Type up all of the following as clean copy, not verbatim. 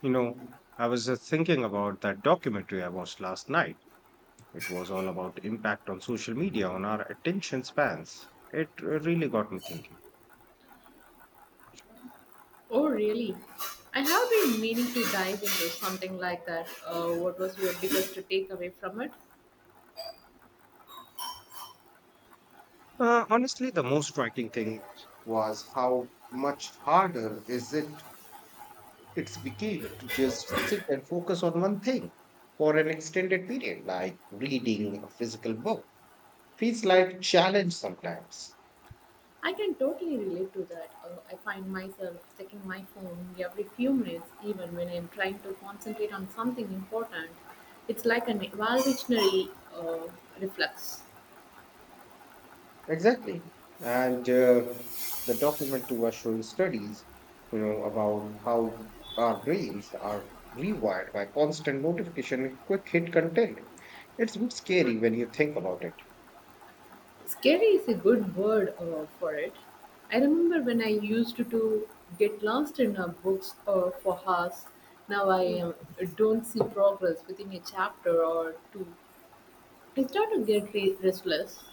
You know, I was just thinking about that documentary I watched last night. It was all about impact on social media on our attention spans. It really got me thinking. Oh, really? I have been meaning to dive into something like that. What was your biggest takeaway from it? Honestly, the most striking thing was how much harder is it it's became to just sit and focus on one thing for an extended period, like reading a physical book. Feels like challenge sometimes. I can totally relate to that. I find myself checking my phone every few minutes, even when I'm trying to concentrate on something important. It's like an evolutionary uh, reflex. Exactly. And the documentary was showing studies, you know, about how our brains are rewired by constant notification and quick hit content. It's a bit scary when you think about it. Scary is a good word for it. I remember when I used to get lost in books for hours. Now I don't see progress within a chapter or two. I start to get restless.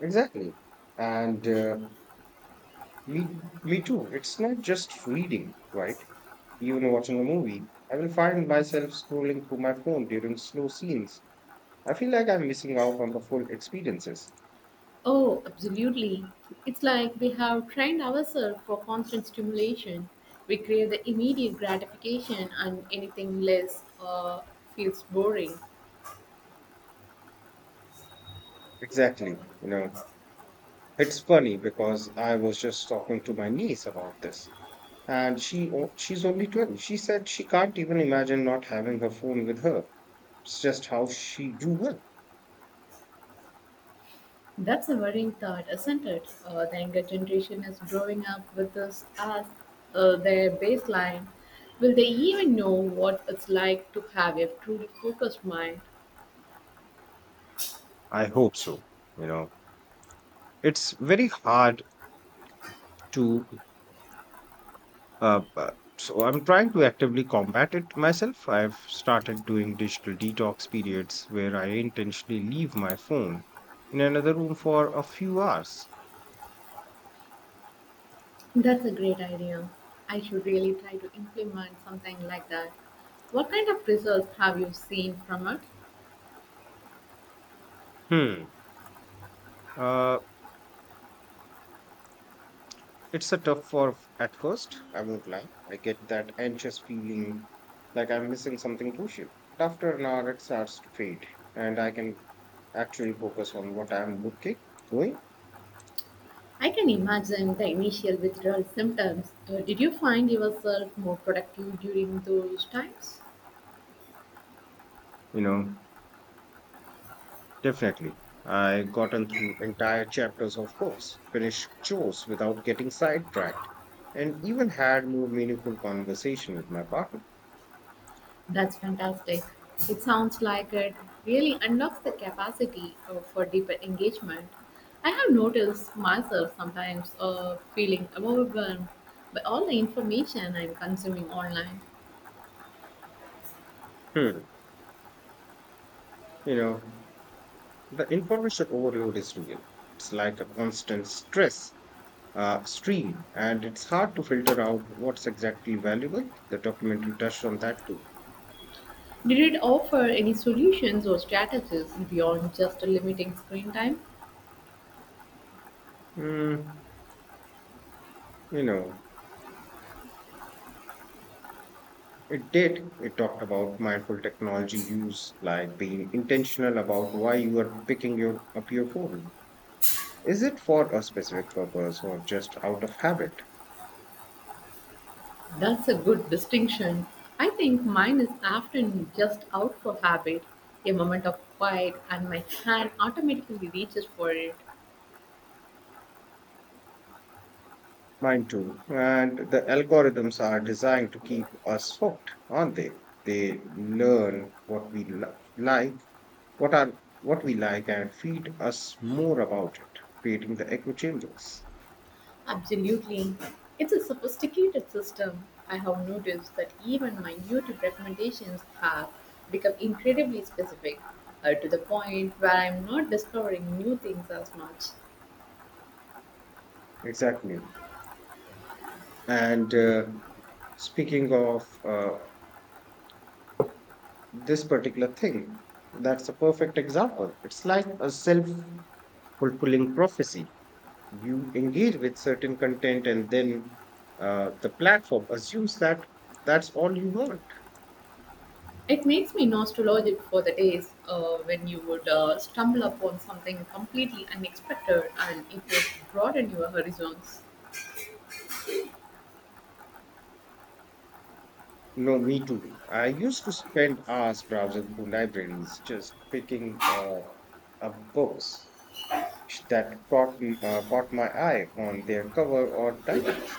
Exactly. And uh, me too. It's not just reading, right? Even watching a movie, I will find myself scrolling through my phone during slow scenes I feel like I'm missing out on the full experiences. Oh, absolutely. It's like we have trained ourselves for constant stimulation. We crave the immediate gratification, and anything less feels boring. Exactly. You know, it's funny because I was just talking to my niece about this, and she's only 12. She said she can't even imagine not having her phone with her. It's just how she grew up. That's a worrying thought, isn't it? The younger generation is growing up with this as their baseline. Will they even know what it's like to have a truly focused mind? I hope so. You know, it's very hard to But so I'm trying to actively combat it myself. I've started doing digital detox periods where I intentionally leave my phone in another room for a few hours. That's a great idea. I should really try to implement something like that. What kind of results have you seen from it? Hmm. Uh, it's a tough for at first. I won't lie. I get that anxious feeling like I'm missing something crucial. But after an hour, it starts to fade, and I can actually focus on what I'm looking doing. I can imagine the initial withdrawal symptoms. Did you find yourself more productive during those times? You know. Definitely. I gotten through entire chapters of course, finished chores without getting sidetracked, and even had more meaningful conversation with my partner. That's fantastic. It sounds like it really unlocks the capacity for deeper engagement. I have noticed myself sometimes feeling overwhelmed by all the information I'm consuming online. Hmm. You know, the information overload is real. It's like a constant stress stream, and it's hard to filter out what's exactly valuable. The documentary touched on that too. Did it offer any solutions or strategies beyond just limiting screen time? Mm, you know, It did. It talked about mindful technology use, like being intentional about why you are picking your, up your phone. Is it for a specific purpose or just out of habit? That's a good distinction. I think mine is often just out for habit, a moment of quiet, and my hand automatically reaches for it. Mine too. And the algorithms are designed to keep us hooked, aren't they? They learn like, what are what we like, and feed us more about it, creating the echo chambers. Absolutely. It's a sophisticated system. I have noticed that even minute recommendations have become incredibly specific, to the point where I'm not discovering new things as much. Exactly. And Speaking of this particular thing. That's a perfect example. It's like a self fulfilling prophecy. You engage with certain content, and then the platform assumes that that's all you want. It makes me nostalgic for the days when you would stumble upon something completely unexpected and it would broaden your horizons. No, me too. I used to spend hours browsing through libraries, just picking up books that caught my eye on their cover or titles.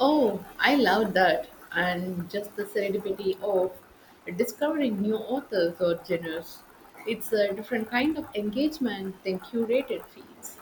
Oh, I love that. And just the serendipity of discovering new authors or genres. It's a different kind of engagement than curated feeds.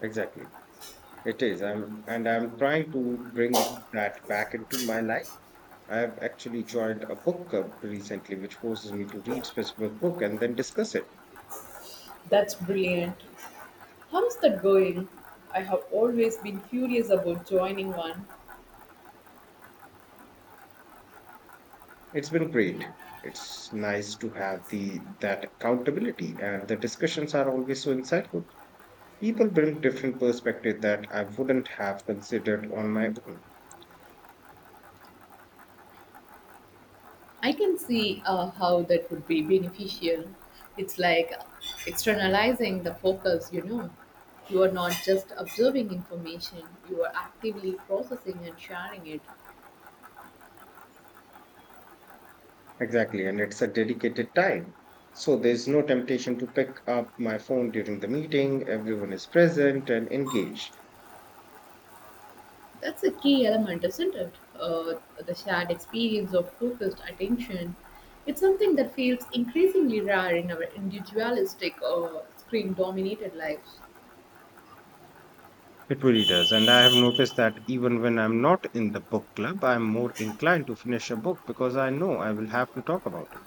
Exactly. It is. And I'm trying to bring that back into my life. I've actually joined a book club recently, which forces me to read specific book and then discuss it. That's brilliant. How's that going? I have always been curious about joining one. It's been great. It's nice to have the that accountability, and the discussions are always so insightful. People bring different perspective that I wouldn't have considered on my own. I can see how that would be beneficial. It's like externalizing the focus, you know. You are not just observing information, you are actively processing and sharing it. Exactly, and it's a dedicated time. So there's no temptation to pick up my phone during the meeting. Everyone is present and engaged. That's a key element, isn't it? The shared experience of focused attention. It's something that feels increasingly rare in our individualistic or screen dominated lives. It really does. And I have noticed that even when I'm not in the book club, I'm more inclined to finish a book because I know I will have to talk about it.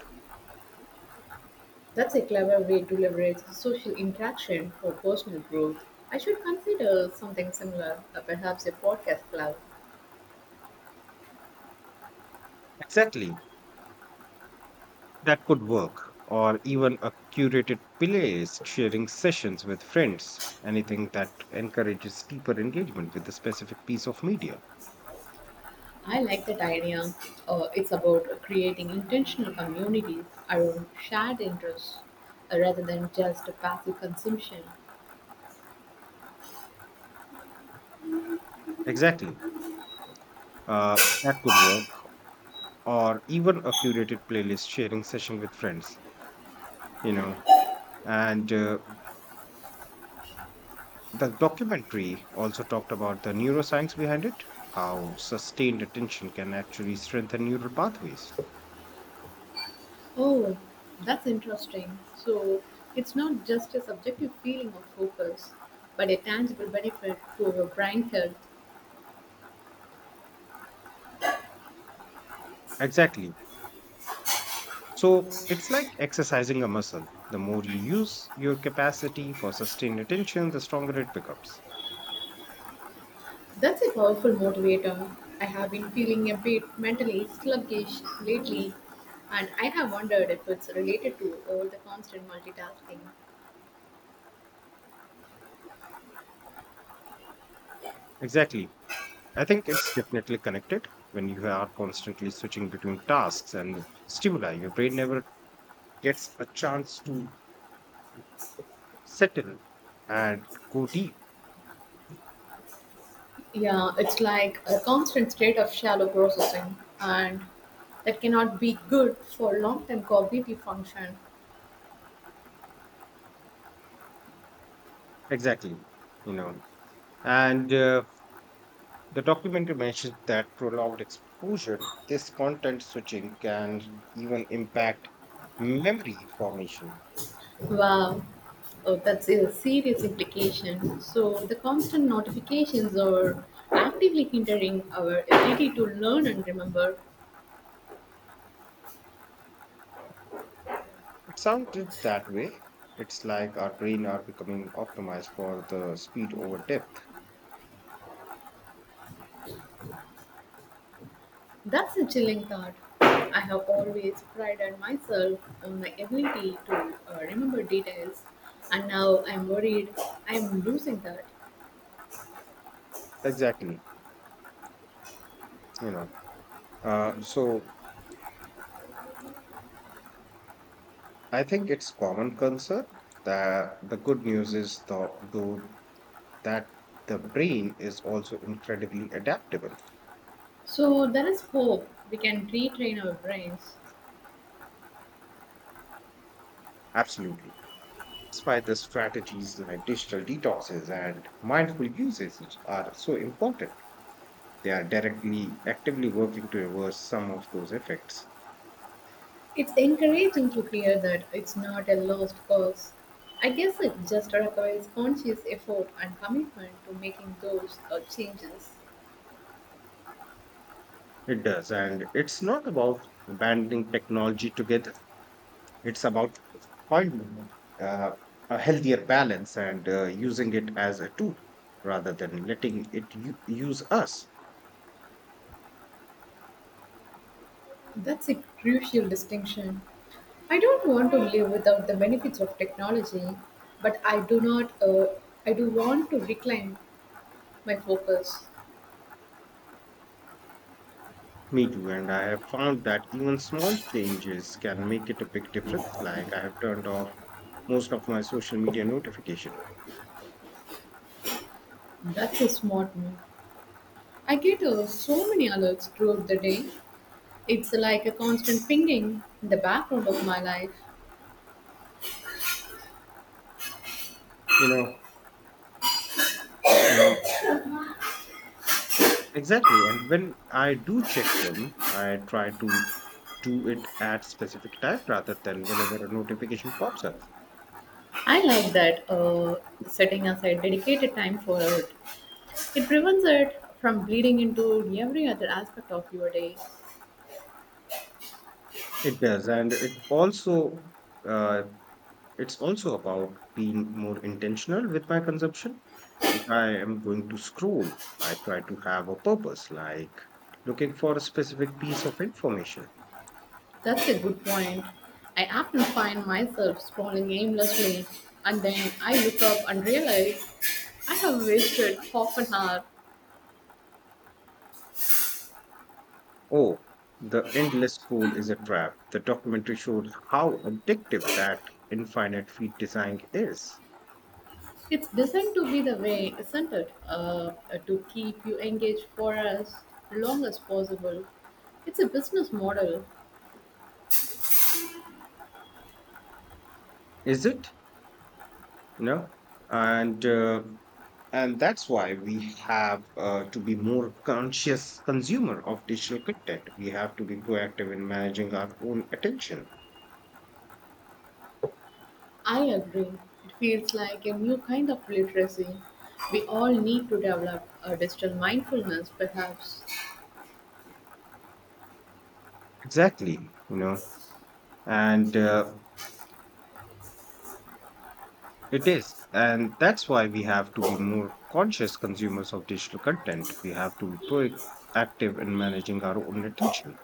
That's a clever way to leverage social interaction for personal growth. I should consider something similar, perhaps a podcast club. Exactly. That could work, or even a curated playlist sharing sessions with friends, anything that encourages deeper engagement with a specific piece of media. I like that idea. It's about creating intentional communities around shared interests rather than just passive consumption. Exactly. That could work, or even a curated playlist sharing session with friends, you know, and the documentary also talked about the neuroscience behind it, how sustained attention can actually strengthen neural pathways. Oh, that's interesting. So it's not just a subjective feeling of focus, but a tangible benefit to your brain health. Exactly. So it's like exercising a muscle. The more you use your capacity for sustained attention, the stronger it becomes. That's a powerful motivator. I have been feeling a bit mentally sluggish lately, and I have wondered if it's related to all the constant multitasking. Exactly. I think it's definitely connected. When you are constantly switching between tasks and stimuli, your brain never gets a chance to settle, and go deep. Yeah, it's like a constant state of shallow processing, and that cannot be good for long term cognitive function. Exactly. You know, and the documentary mentions that prolonged exposure, this content switching can even impact memory formation. Wow, oh, that's a serious implication. So, the constant notifications are actively hindering our ability to learn and remember. It sounded that way. It's like our brain are becoming optimized for the speed over depth. That's a chilling thought. I have always prided myself on my ability to remember details, and now I'm worried I'm losing that. Exactly. You know. So I think it's common concern that the good news is though that the brain is also incredibly adaptable. So, there is hope we can retrain our brains. Absolutely. Despite the strategies like digital detoxes and mindful uses which are so important, they are directly, actively working to reverse some of those effects. It's encouraging to hear that it's not a lost cause. I guess it just requires conscious effort and commitment to making those changes. It does. And it's not about abandoning technology together, it's about finding uh, a healthier balance and using it as a tool rather than letting use us. That's a crucial distinction. I don't want to live without the benefits of technology, but I do not. I do want to reclaim my focus. Me too, and I have found that even small changes can make it a big difference. Like I have turned off most of my social media notification. That's a smart move. I get so many alerts throughout the day. It's like a constant pinging in the background of my life. You know, um, exactly. And when I do check them, I try to do it at specific time rather than whenever a notification pops up. I like that setting aside dedicated time for it. It prevents it from bleeding into every other aspect of your day. It does, and uh, it's also about being more intentional with my consumption. If I am going to scroll, I try to have a purpose, like looking for a specific piece of information. That's a good point. I often find myself scrolling aimlessly and then I look up and realize I have wasted half an hour. Oh, the endless scroll is a trap. The documentary showed how addictive that infinite feed design is. It's designed to be the way, isn't it? To keep you engaged for as long as possible. It's a business model, Is it? No. And uh, and that's why we have to be more conscious consumer of digital content. We have to be proactive in managing our own attention. I agree. It feels like a new kind of literacy. We all need to develop a digital mindfulness, perhaps. Exactly, you know, and it is. And that's why we have to be more conscious consumers of digital content. We have to be proactive in managing our own attention.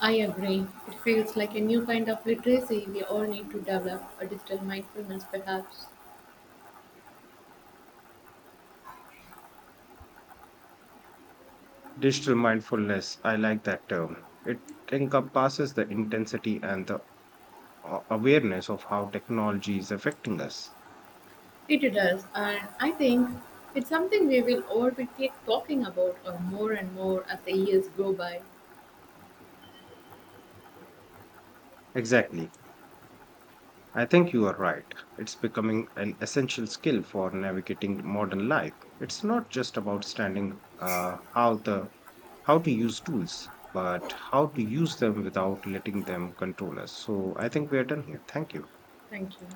I agree. It feels like a new kind of literacy. We all need to develop a digital mindfulness, perhaps. Digital mindfulness, I like that term. It encompasses the intensity and awareness of how technology is affecting us. It does. And I think it's something we will all be keep talking about more and more as the years go by. Exactly. I think you are right. It's becoming an essential skill for navigating modern life. It's not just about standing how to use tools, but how to use them without letting them control us. So I think we are done here. Thank you. Thank you.